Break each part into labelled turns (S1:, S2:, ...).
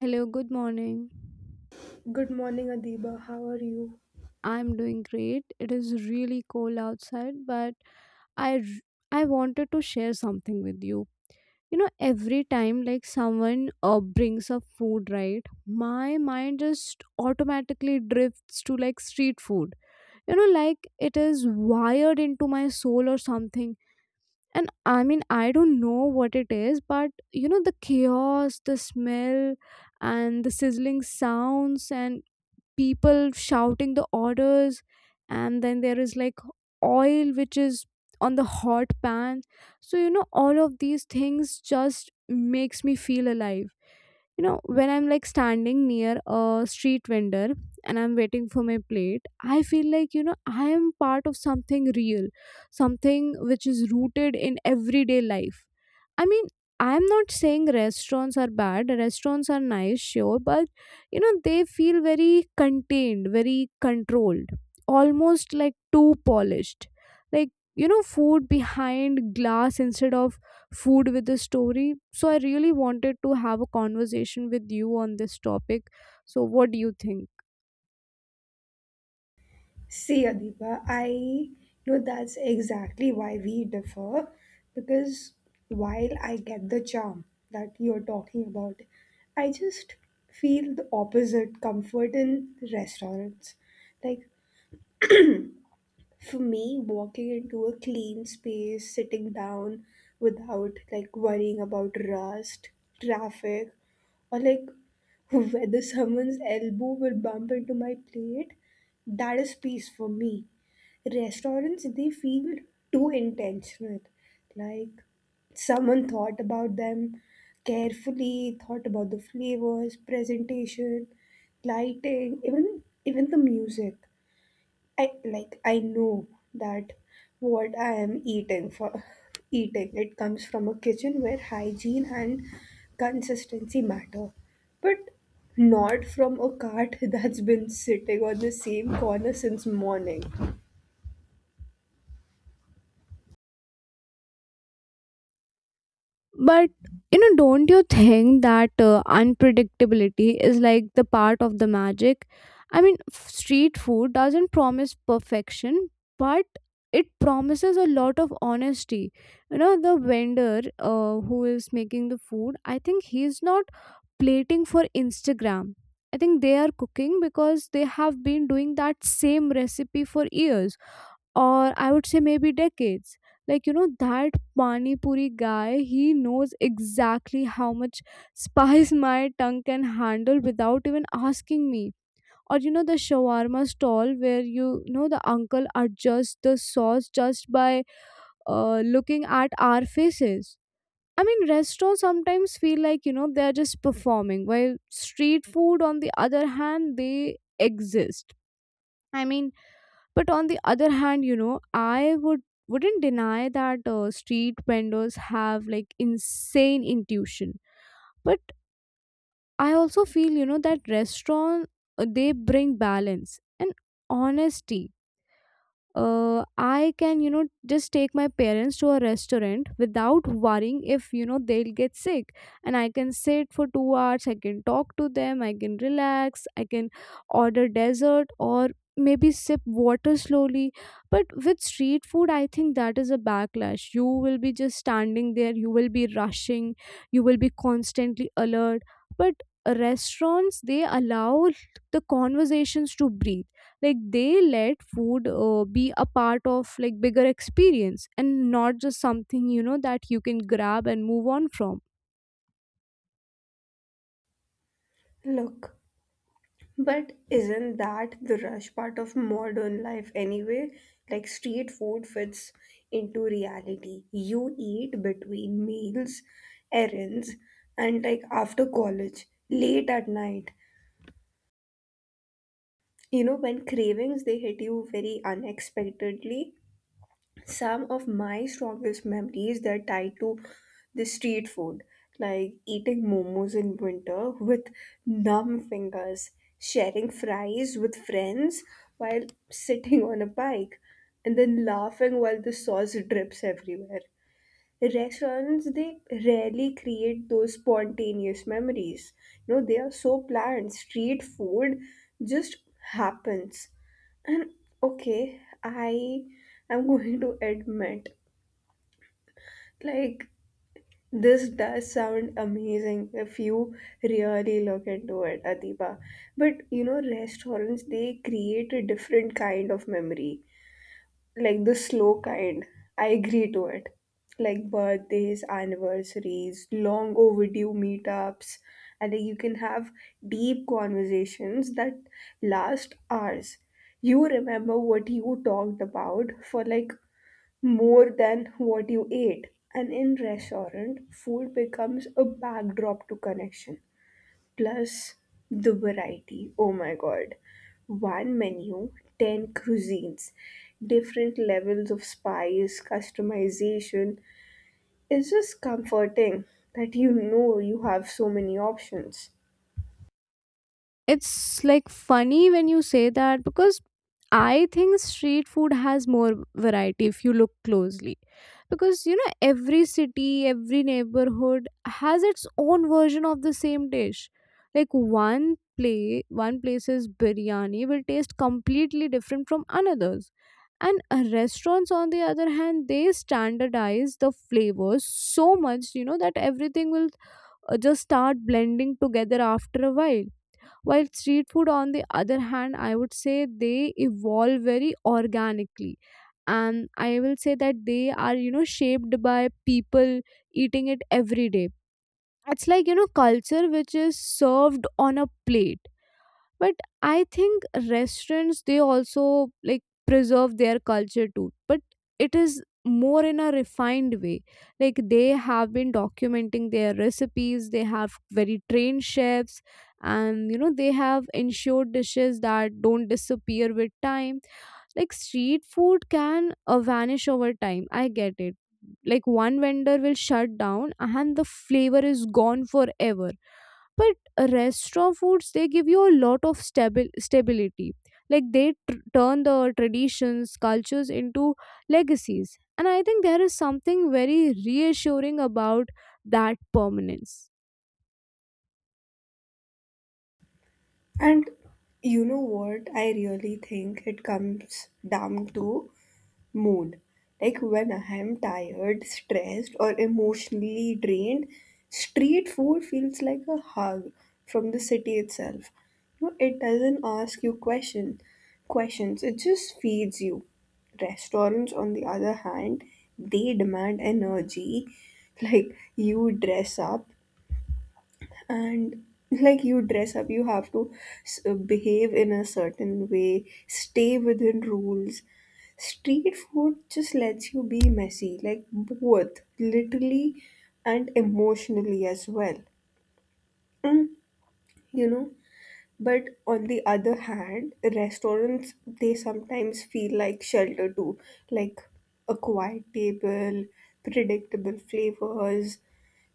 S1: Hello, good morning.
S2: Good morning, Adiba. How are you?
S1: I'm doing great. It is really cold outside, but I wanted to share something with you. You know, every time like someone brings up food, right? My mind just automatically drifts to like street food. You know, like it is wired into my soul or something. And I mean, I don't know what it is, but you know, the chaos, the smell, and the sizzling sounds and people shouting the orders and then there is like oil which is on the hot pan, so you know all of these things just makes me feel alive. You know, when I'm like standing near a street vendor and I'm waiting for my plate, I feel like, you know, I am part of something real, something which is rooted in everyday life. I mean, I'm not saying restaurants are bad. Restaurants are nice, sure, but you know they feel very contained, very controlled, almost like too polished, like, you know, food behind glass instead of food with a story. So I really wanted to have a conversation with you on this topic. So what do you think?
S2: See, Adiba, I know that's exactly why we differ because while I get the charm that you're talking about, I just feel the opposite comfort in restaurants. Like, for me walking into a clean space sitting down without like worrying about rust traffic or like whether someone's elbow will bump into my plate, that is peace for me. Restaurants they feel too intentional, like someone thought about them, carefully thought about the flavors, presentation, lighting, even the music. I like I know that what I am eating for eating, it comes from a kitchen where hygiene and consistency matter, but not from a cart that's been sitting on the same corner since morning.
S1: But you know, don't you think that unpredictability is like the part of the magic? I mean, street food doesn't promise perfection, but it promises a lot of honesty. You know, the vendor who is making the food, I think he's not plating for Instagram. I think they are cooking because they have been doing that same recipe for years, or I would say maybe decades. Like, you know, that Pani Puri guy, he knows exactly how much spice my tongue can handle without even asking me. Or, you know, the shawarma stall where you know, the uncle adjusts the sauce just by looking at our faces. I mean, restaurants sometimes feel like, you know, they're just performing, while street food, on the other hand, they exist. I mean, but on the other hand, you know, I wouldn't deny that street vendors have like insane intuition. But I also feel, you know, that restaurant they bring balance and honesty. I can, you know, just take my parents to a restaurant without worrying if, you know, they'll get sick. And I can sit for 2 hours, I can talk to them, I can relax, I can order dessert or maybe sip water slowly. But with street food, I think that is a backlash. You will be just standing there, you will be rushing, you will be constantly alert. But restaurants, they allow the conversations to breathe, like they let food be a part of like bigger experience and not just something, you know, that you can grab and move on from.
S2: Look. But isn't that the rush part of modern life anyway? Like street food fits into reality. You eat between meals, errands, and like after college, late at night. You know, when cravings they hit you very unexpectedly, some of my strongest memories they're tied to the street food, like eating momos in winter with numb fingers, sharing fries with friends while sitting on a bike and then laughing while the sauce drips everywhere. Restaurants, they rarely create those spontaneous memories. You know, they are so planned. Street food just happens. And okay, I am going to admit, like, this does sound amazing if you really look into it, Adiba. But you know, restaurants they create a different kind of memory, like the slow kind. I agree to it. Like birthdays, anniversaries, long overdue meetups, and like you can have deep conversations that last hours. You remember what you talked about for like more than what you ate. And in restaurant, food becomes a backdrop to connection. Plus the variety. Oh my god. One menu, 10 cuisines, different levels of spice, customization. It's just comforting that you know you have so many options.
S1: It's like funny when you say that because I think street food has more variety if you look closely. Because you know, every city, every neighborhood has its own version of the same dish. Like one place's biryani will taste completely different from another's. And restaurants, on the other hand, they standardize the flavors so much, you know, that everything will just start blending together after a while street food, on the other hand, I would say they evolve very organically. And I will say that they are, you know, shaped by people eating it every day. It's like, you know, culture which is served on a plate. But I think restaurants they also like preserve their culture too, but it is more in a refined way. Like they have been documenting their recipes, they have very trained chefs, and you know they have ensured dishes that don't disappear with time. Like street food can vanish over time, I get it. Like one vendor will shut down and the flavor is gone forever. But restaurant foods they give you a lot of stability. Like they turn the traditions cultures into legacies, and I think there is something very reassuring about that permanence.
S2: And you know what? I really think it comes down to mood. Like when I am tired, stressed, or emotionally drained, street food feels like a hug from the city itself. No, it doesn't ask you questions. It just feeds you. Restaurants, on the other hand, they demand energy. Like you dress up, and like you dress up you have to behave in a certain way, stay within rules. Street food just lets you be messy, like both literally and emotionally as well. Mm, you know but on the other hand, restaurants they sometimes feel like shelter too, like a quiet table, predictable flavors.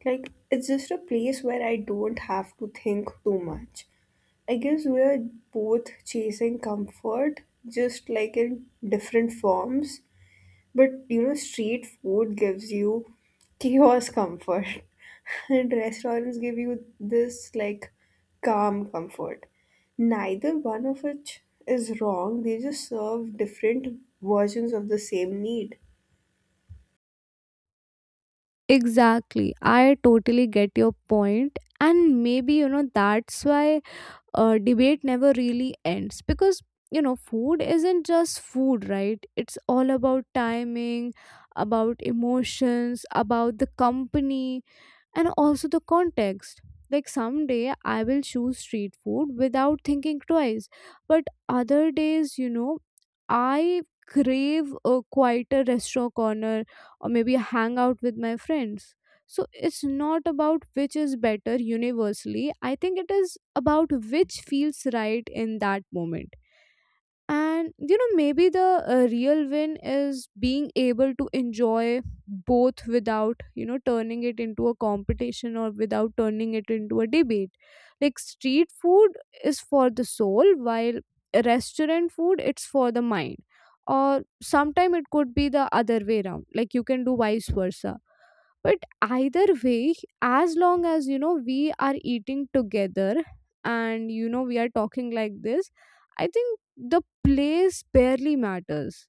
S2: Like it's just a place where I don't have to think too much. I guess we're both chasing comfort, just like in different forms. But you know, street food gives you chaos comfort, and restaurants give you this like calm comfort. Neither one of which is wrong, they just serve different versions of the same need.
S1: Exactly, I totally get your point. And maybe, you know, that's why debate never really ends, because you know food isn't just food, right? It's all about timing, about emotions, about the company, and also the context. Like someday I will choose street food without thinking twice, but other days, you know, I crave a quieter restaurant corner, or maybe a hangout with my friends. So it's not about which is better universally. I think it is about which feels right in that moment. And you know, maybe the real win is being able to enjoy both without, you know, turning it into a competition or without turning it into a debate. Like street food is for the soul, while restaurant food it's for the mind. Or sometime it could be the other way around, like you can do vice versa. But either way, as long as, you know, we are eating together, and you know we are talking like this, I think the place barely matters.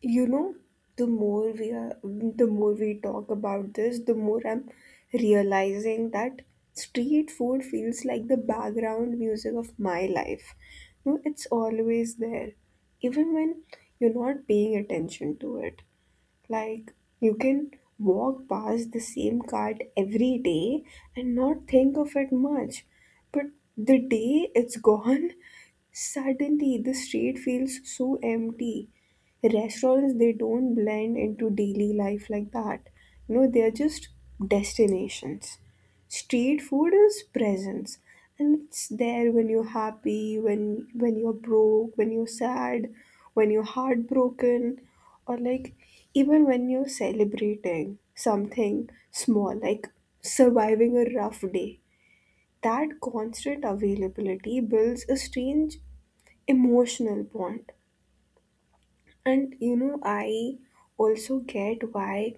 S2: You know, the more we talk about this, the more I'm realizing that street food feels like the background music of my life. It's always there, even when you're not paying attention to it. Like you can walk past the same cart every day and not think of it much. But the day it's gone, suddenly the street feels so empty. Restaurants they don't blend into daily life like that. You know, they're just destinations. Street food is presence, and it's there when you're happy, when you're broke, when you're sad, when you're heartbroken, or like even when you're celebrating something small, like surviving a rough day. That constant availability builds a strange emotional bond. And you know, I also get why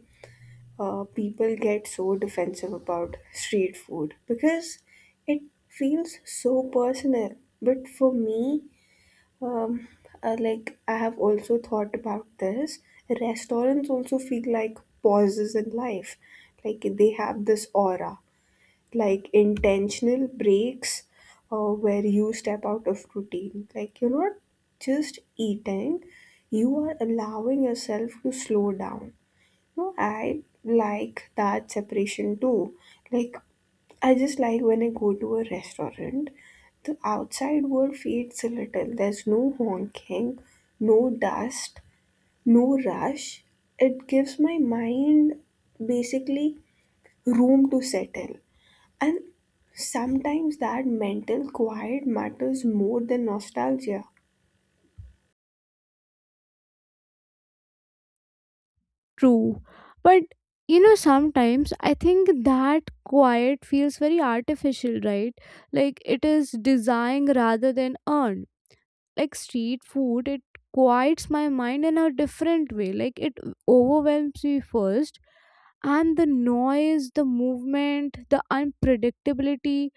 S2: people get so defensive about street food because it feels so personal. But for me, um, like I have also thought about this, restaurants also feel like pauses in life. Like they have this aura, like intentional breaks where you step out of routine. Like you're not just eating, you are allowing yourself to slow down. No, I like that separation too. Like, I just like when I go to a restaurant, the outside world feeds a little. There's no honking, no dust, no rush. It gives my mind basically room to settle. And sometimes that mental quiet matters more than nostalgia.
S1: True. But you know, sometimes I think that quiet feels very artificial, right? Like it is designed rather than earned. Like street food, it quiets my mind in a different way. Like it overwhelms me first, and the noise, the movement, the unpredictability,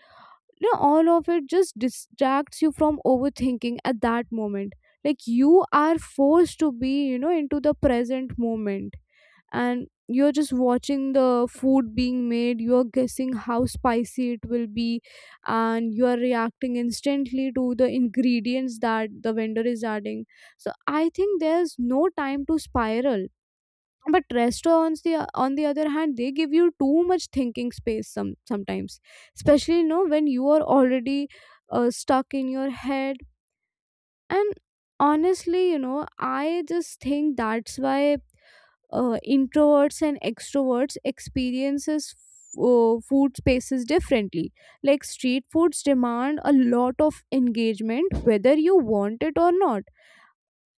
S1: you know, all of it just distracts you from overthinking at that moment. Like you are forced to be, you know, into the present moment, and you're just watching the food being made, you're guessing how spicy it will be, and you are reacting instantly to the ingredients that the vendor is adding. So I think there's no time to spiral. But restaurants, the on the other hand, they give you too much thinking space sometimes, especially, you know, when you are already stuck in your head. And honestly, you know, I just think that's why introverts and extroverts experiences food spaces differently. Like street foods demand a lot of engagement, whether you want it or not.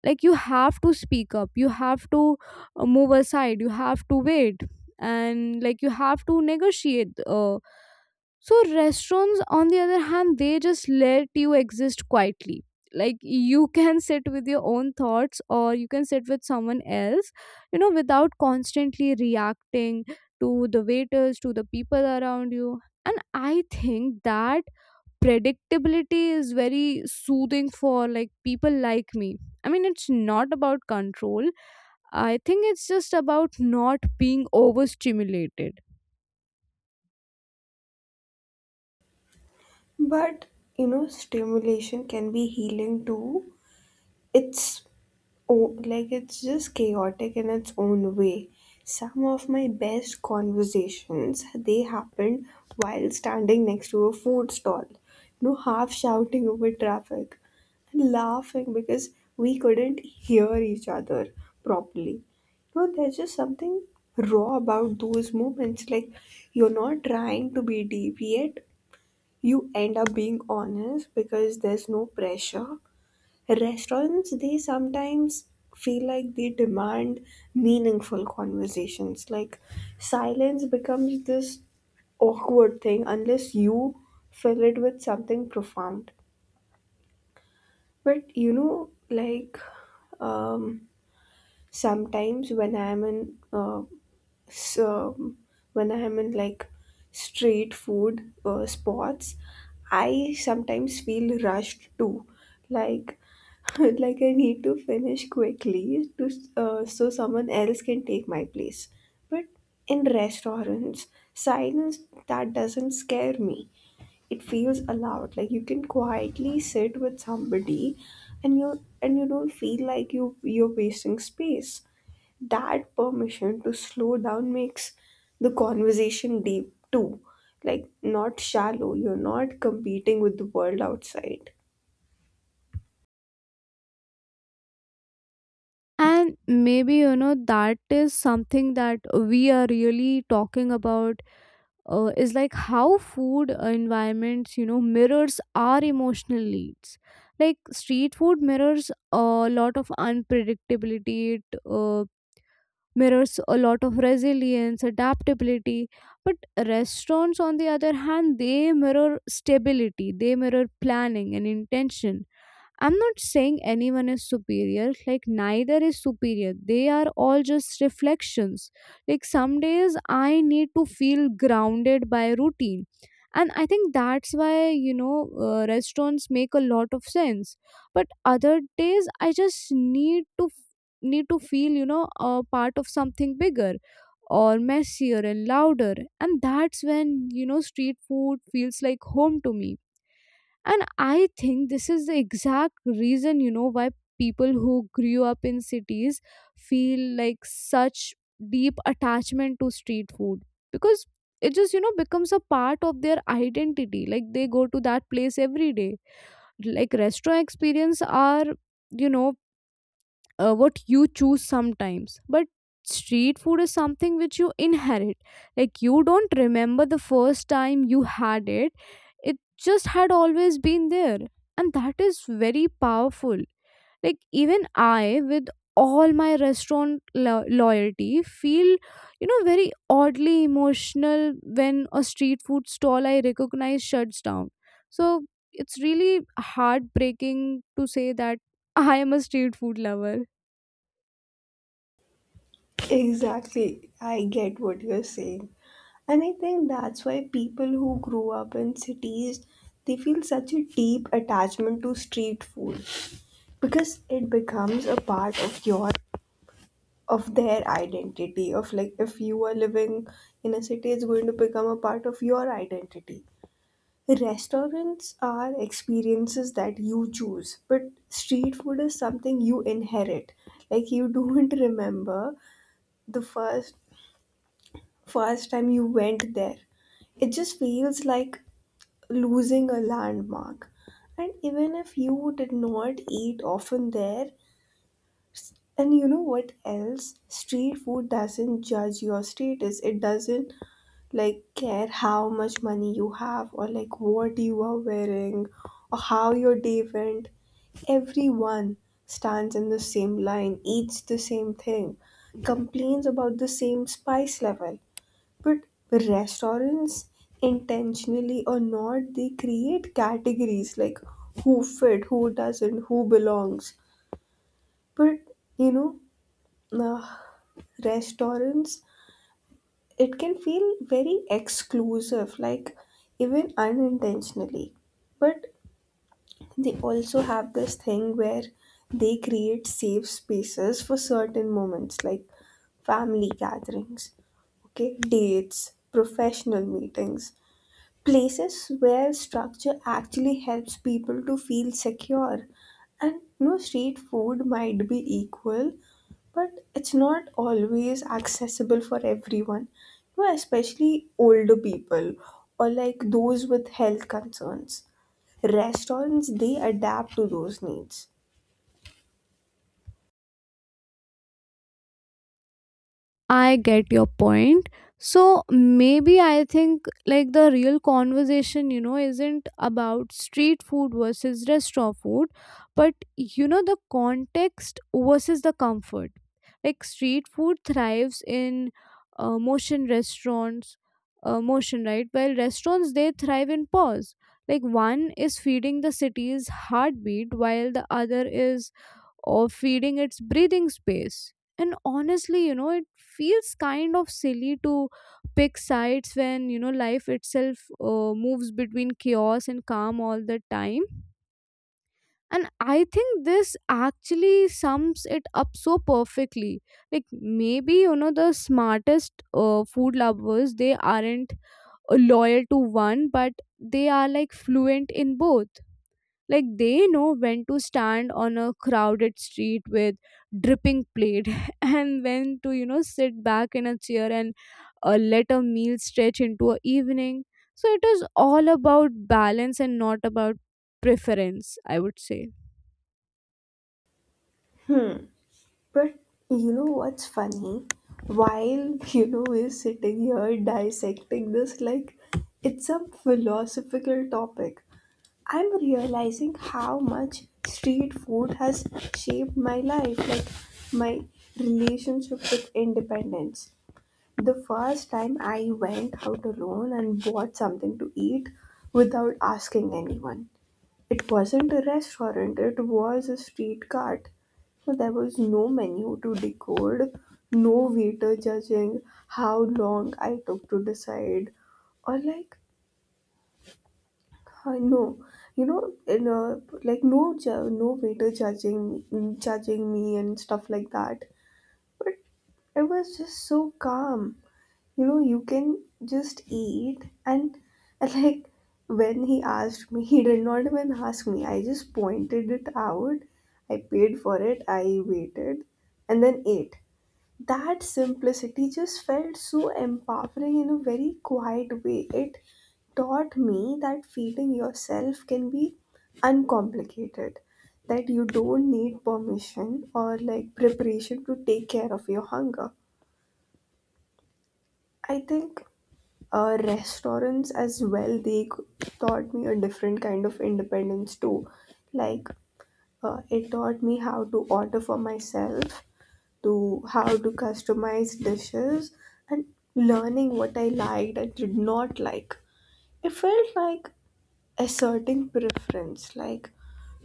S1: Like you have to speak up, you have to move aside, you have to wait, and like you have to negotiate. So restaurants on the other hand they just let you exist quietly. Like you can sit with your own thoughts, or you can sit with someone else, you know, without constantly reacting to the waiters, to the people around you. And I think that predictability is very soothing for like people like me. I mean, it's not about control, I think it's just about not being overstimulated.
S2: But you know, stimulation can be healing too. it's like it's just chaotic in its own way. Some of my best conversations they happened while standing next to a food stall, no, half shouting over traffic and laughing because we couldn't hear each other properly. You know, there's just something raw about those moments, like you're not trying to be deep, yet you end up being honest because there's no pressure. Restaurants, they sometimes feel like they demand meaningful conversations. Like silence becomes this awkward thing unless you fill it with something profound. But like, um, sometimes so when I'm in like street food spots, I sometimes feel rushed too, like like I need to finish quickly to so someone else can take my place. But in restaurants silence, that doesn't scare me, it feels allowed. Like you can quietly sit with somebody, and you don't feel like you're wasting space. That permission to slow down makes the conversation deep too, like not shallow. You're not competing with the world outside.
S1: And maybe, you know, that is something that we are really talking about, is like how food environments, you know, mirrors our emotional needs. Like street food mirrors a lot of unpredictability, it mirrors a lot of resilience, adaptability. But restaurants, on the other hand, they mirror stability, they mirror planning and intention. I'm not saying anyone is superior, like, neither is superior. They are all just reflections. Like, some days I need to feel grounded by routine. And I think that's why, you know, restaurants make a lot of sense. But other days I just need to feel, you know, a part of something bigger, or messier and louder. And that's when, you know, street food feels like home to me. And I think this is the exact reason, you know, why people who grew up in cities feel like such deep attachment to street food, because it just, you know, becomes a part of their identity. Like they go to that place every day. Like restaurant experience are, you know, what you choose sometimes, but street food is something which you inherit. Like you don't remember the first time you had it, it just had always been there, and that is very powerful. Like even I, with all my restaurant loyalty, feel, you know, very oddly emotional when a street food stall I recognize shuts down. So it's really heartbreaking to say that I am a street food lover.
S2: Exactly, I get what you're saying, and I think that's why people who grew up in cities, they feel such a deep attachment to street food because it becomes a part of their identity, of like if you are living in a city it's going to become a part of your identity. Restaurants are experiences that you choose, but street food is something you inherit. Like you don't remember the first time you went there. It just feels like losing a landmark. And even if you did not eat often there, and you know what else? Street food doesn't judge your status. It doesn't like care how much money you have or like what you are wearing or how your day went. Everyone stands in the same line, eats the same thing, complains about the same spice level. But restaurants, intentionally or not, they create categories, like who fit, who doesn't, who belongs. But you know uh, restaurants, it can feel very exclusive, like even unintentionally. But they also have this thing where they create safe spaces for certain moments, like family gatherings, okay, dates, professional meetings, places where structure actually helps people to feel secure. And no, street food might be equal, but it's not always accessible for everyone, you know, especially older people or like those with health concerns. Restaurants they adapt to those needs.
S1: I get your point. So maybe I think like the real conversation, you know, isn't about street food versus restaurant food, but you know, the context versus the comfort. Like street food thrives in uh, motion restaurants, motion, right? While restaurants, they thrive in pause. Like one is feeding the city's heartbeat, while the other is or feeding its breathing space. And honestly, you know, it feels kind of silly to pick sides when, you know, life itself moves between chaos and calm all the time. And I think this actually sums it up so perfectly. Like, maybe, you know, the smartest food lovers, they aren't loyal to one, but they are like fluent in both. Like they know when to stand on a crowded street with dripping plate and when to sit back in a chair and let a meal stretch into a evening. So it is all about balance and not about preference, I would say.
S2: hmm But you know what's funny? While we're sitting here dissecting this like it's some philosophical topic, I'm realizing how much street food has shaped my life, like my relationship with independence. The first time I went out alone and bought something to eat without asking anyone, it wasn't a restaurant, it was a street cart, so there was no menu to decode, no waiter judging how long I took to decide, or like, I know, you know, in a, like no waiter judging me and stuff like that. But it was just so calm, you can just eat and like when he asked me, he did not even ask me, I just pointed it out, I paid for it, I waited, and then ate. That simplicity just felt so empowering in a very quiet way. It taught me that feeding yourself can be uncomplicated, that you don't need permission or like preparation to take care of your hunger. I think restaurants as well, they taught me a different kind of independence too. Like it taught me how to order for myself, to how to customize dishes, and learning what I liked and did not like. It felt like asserting preference, like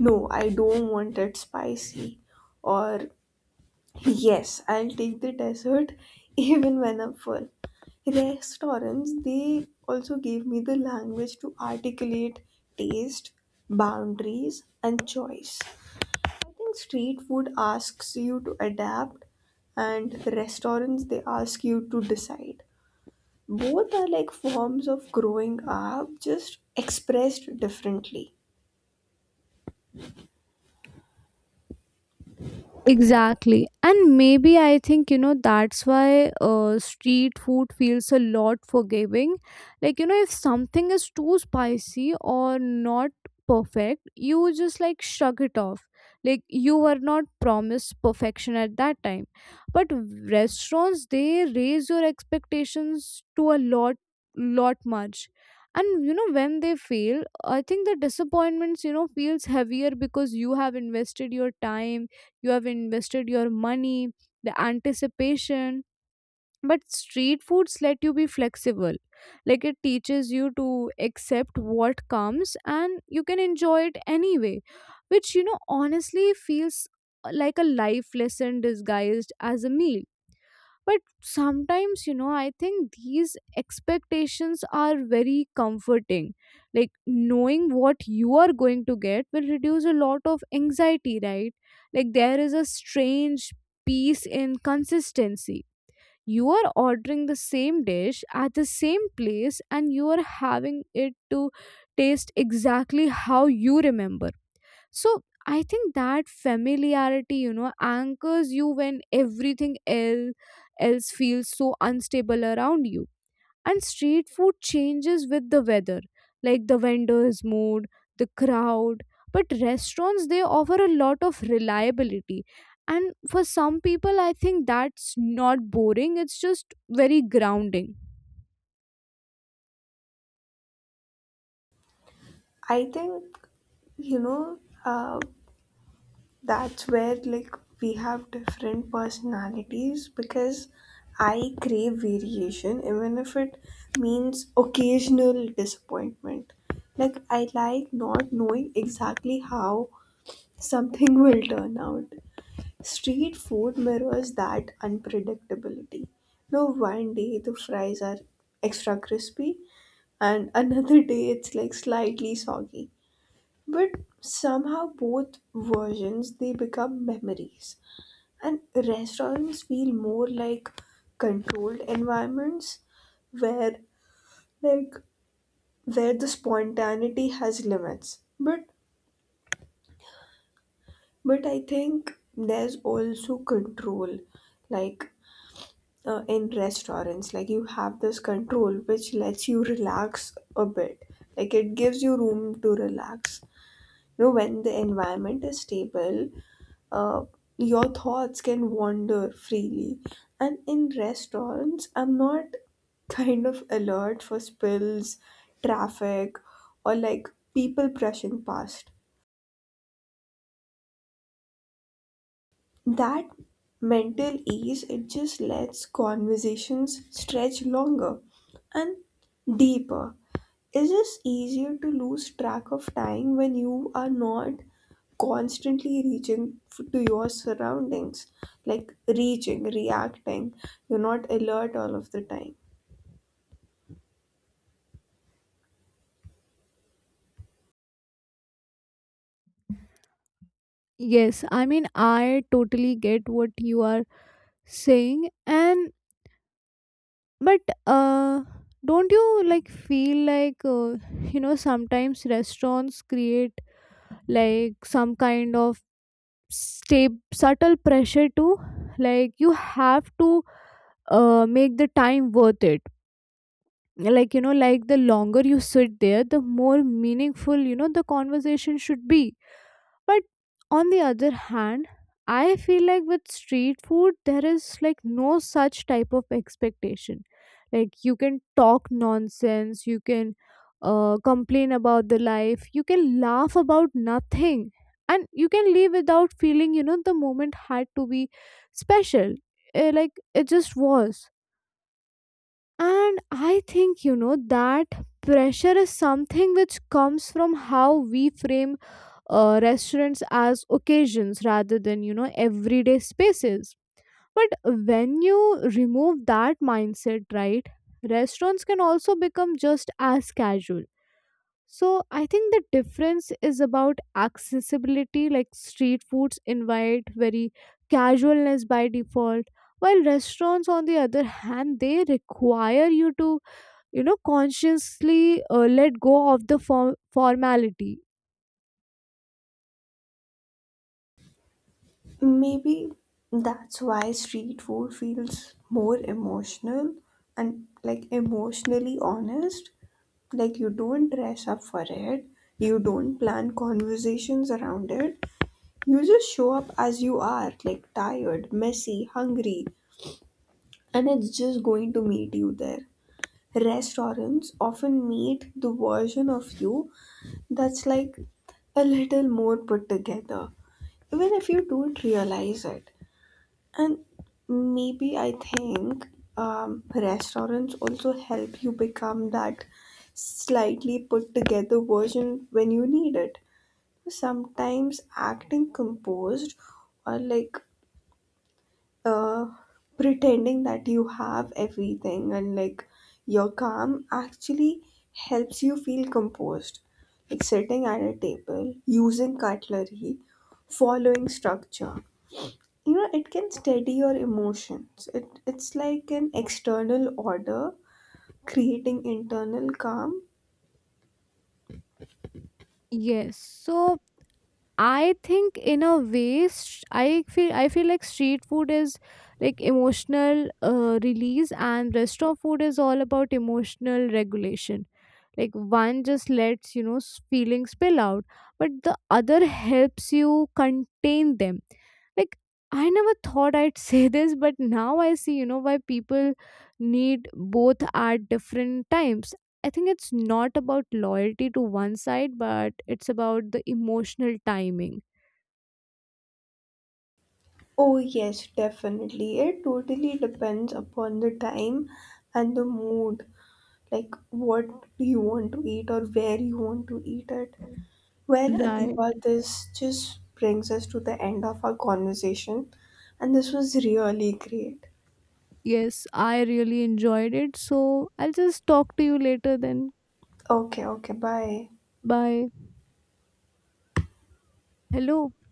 S2: no, I don't want it spicy, or yes, I'll take the dessert even when I'm full. Restaurants, they also gave me the language to articulate taste, boundaries, and choice. I think street food asks you to adapt, and restaurants, they ask you to decide. Both are like forms of growing up, just expressed differently.
S1: Exactly. And maybe I think, you know, that's why street food feels a lot forgiving. Like, you know, if something is too spicy or not perfect, you just like shrug it off. Like, you were not promised perfection at that time. But restaurants, they raise your expectations to a lot, lot much. And you know, when they fail, I think the disappointments, you know, feels heavier because you have invested your time, you have invested your money, the anticipation. But street foods let you be flexible. Like it teaches you to accept what comes, and you can enjoy it anyway, which you know honestly feels like a life lesson disguised as a meal. But sometimes, you know, I think these expectations are very comforting. Like knowing what you are going to get will reduce a lot of anxiety, right? Like there is a strange peace in consistency. You are ordering the same dish at the same place and you are having it to taste exactly how you remember. So I think that familiarity, you know, anchors you when everything else feels so unstable around you. And street food changes with the weather, like the vendor's mood, the crowd. But restaurants, they offer a lot of reliability. And for some people I think that's not boring, it's just very grounding.
S2: I think, you know, uh, that's where like we have different personalities because I crave variation even if it means occasional disappointment. Like I like not knowing exactly how something will turn out. Street food mirrors that unpredictability. No, one day the fries are extra crispy and another day it's like slightly soggy, but somehow both versions, they become memories. And restaurants feel more like controlled environments where like where the spontaneity has limits. but I think there's also control, like in restaurants, like you have this control which lets you relax a bit, like it gives you room to relax. You know, when the environment is stable, uh, your thoughts can wander freely. And in restaurants, I'm not kind of alert for spills, traffic, or like people brushing past. That mental ease, it just lets conversations stretch longer and deeper. It's just easier to lose track of time when you are not constantly reaching to your surroundings, like reaching, reacting. You're not alert all of the time.
S1: Yes, I mean I totally get what you are saying, and but uh, don't you like feel like you know sometimes restaurants create like some kind of stay subtle pressure too? Like you have to make the time worth it. Like you know, like the longer you sit there, the more meaningful you know the conversation should be. But on the other hand, I feel like with street food, there is like no such type of expectation. Like you can talk nonsense, you can complain about the life, you can laugh about nothing, and you can leave without feeling, you know, the moment had to be special. Eh, like it just was. And I think, you know, that pressure is something which comes from how we frame restaurants as occasions rather than, you know, everyday spaces. But when you remove that mindset, right, restaurants can also become just as casual. So I think the difference is about accessibility. Like street foods invite very casualness by default, while restaurants, on the other hand, they require you to you know consciously let go of the formality.
S2: Maybe that's why street food feels more emotional and like emotionally honest. Like you don't dress up for it, you don't plan conversations around it, you just show up as you are, like tired, messy, hungry, and it's just going to meet you there. Restaurants often meet the version of you that's like a little more put together, even if you don't realize it. And maybe I think restaurants also help you become that slightly put together version when you need it. Sometimes acting composed or like uh, pretending that you have everything and like you're calm actually helps you feel composed. Like sitting at a table, using cutlery, following structure. You know, it can steady your emotions. It's like an external order creating internal calm.
S1: Yes, so I think in a way, I feel like street food is like emotional release, and restaurant food is all about emotional regulation. Like one just lets you know feelings spill out, but the other helps you contain them. Like I never thought I'd say this, but now I see you know why people need both at different times. I think it's not about loyalty to one side, but it's about the emotional timing.
S2: Oh, yes, definitely. It totally depends upon the time and the mood. Like what do you want to eat or where you want to eat it. Well,
S1: Right.
S2: Adiba, this just brings us to the end of our conversation, and this was really great.
S1: Yes, I really enjoyed it. So I'll just talk to you later then.
S2: Okay, okay, bye.
S1: Bye. Hello.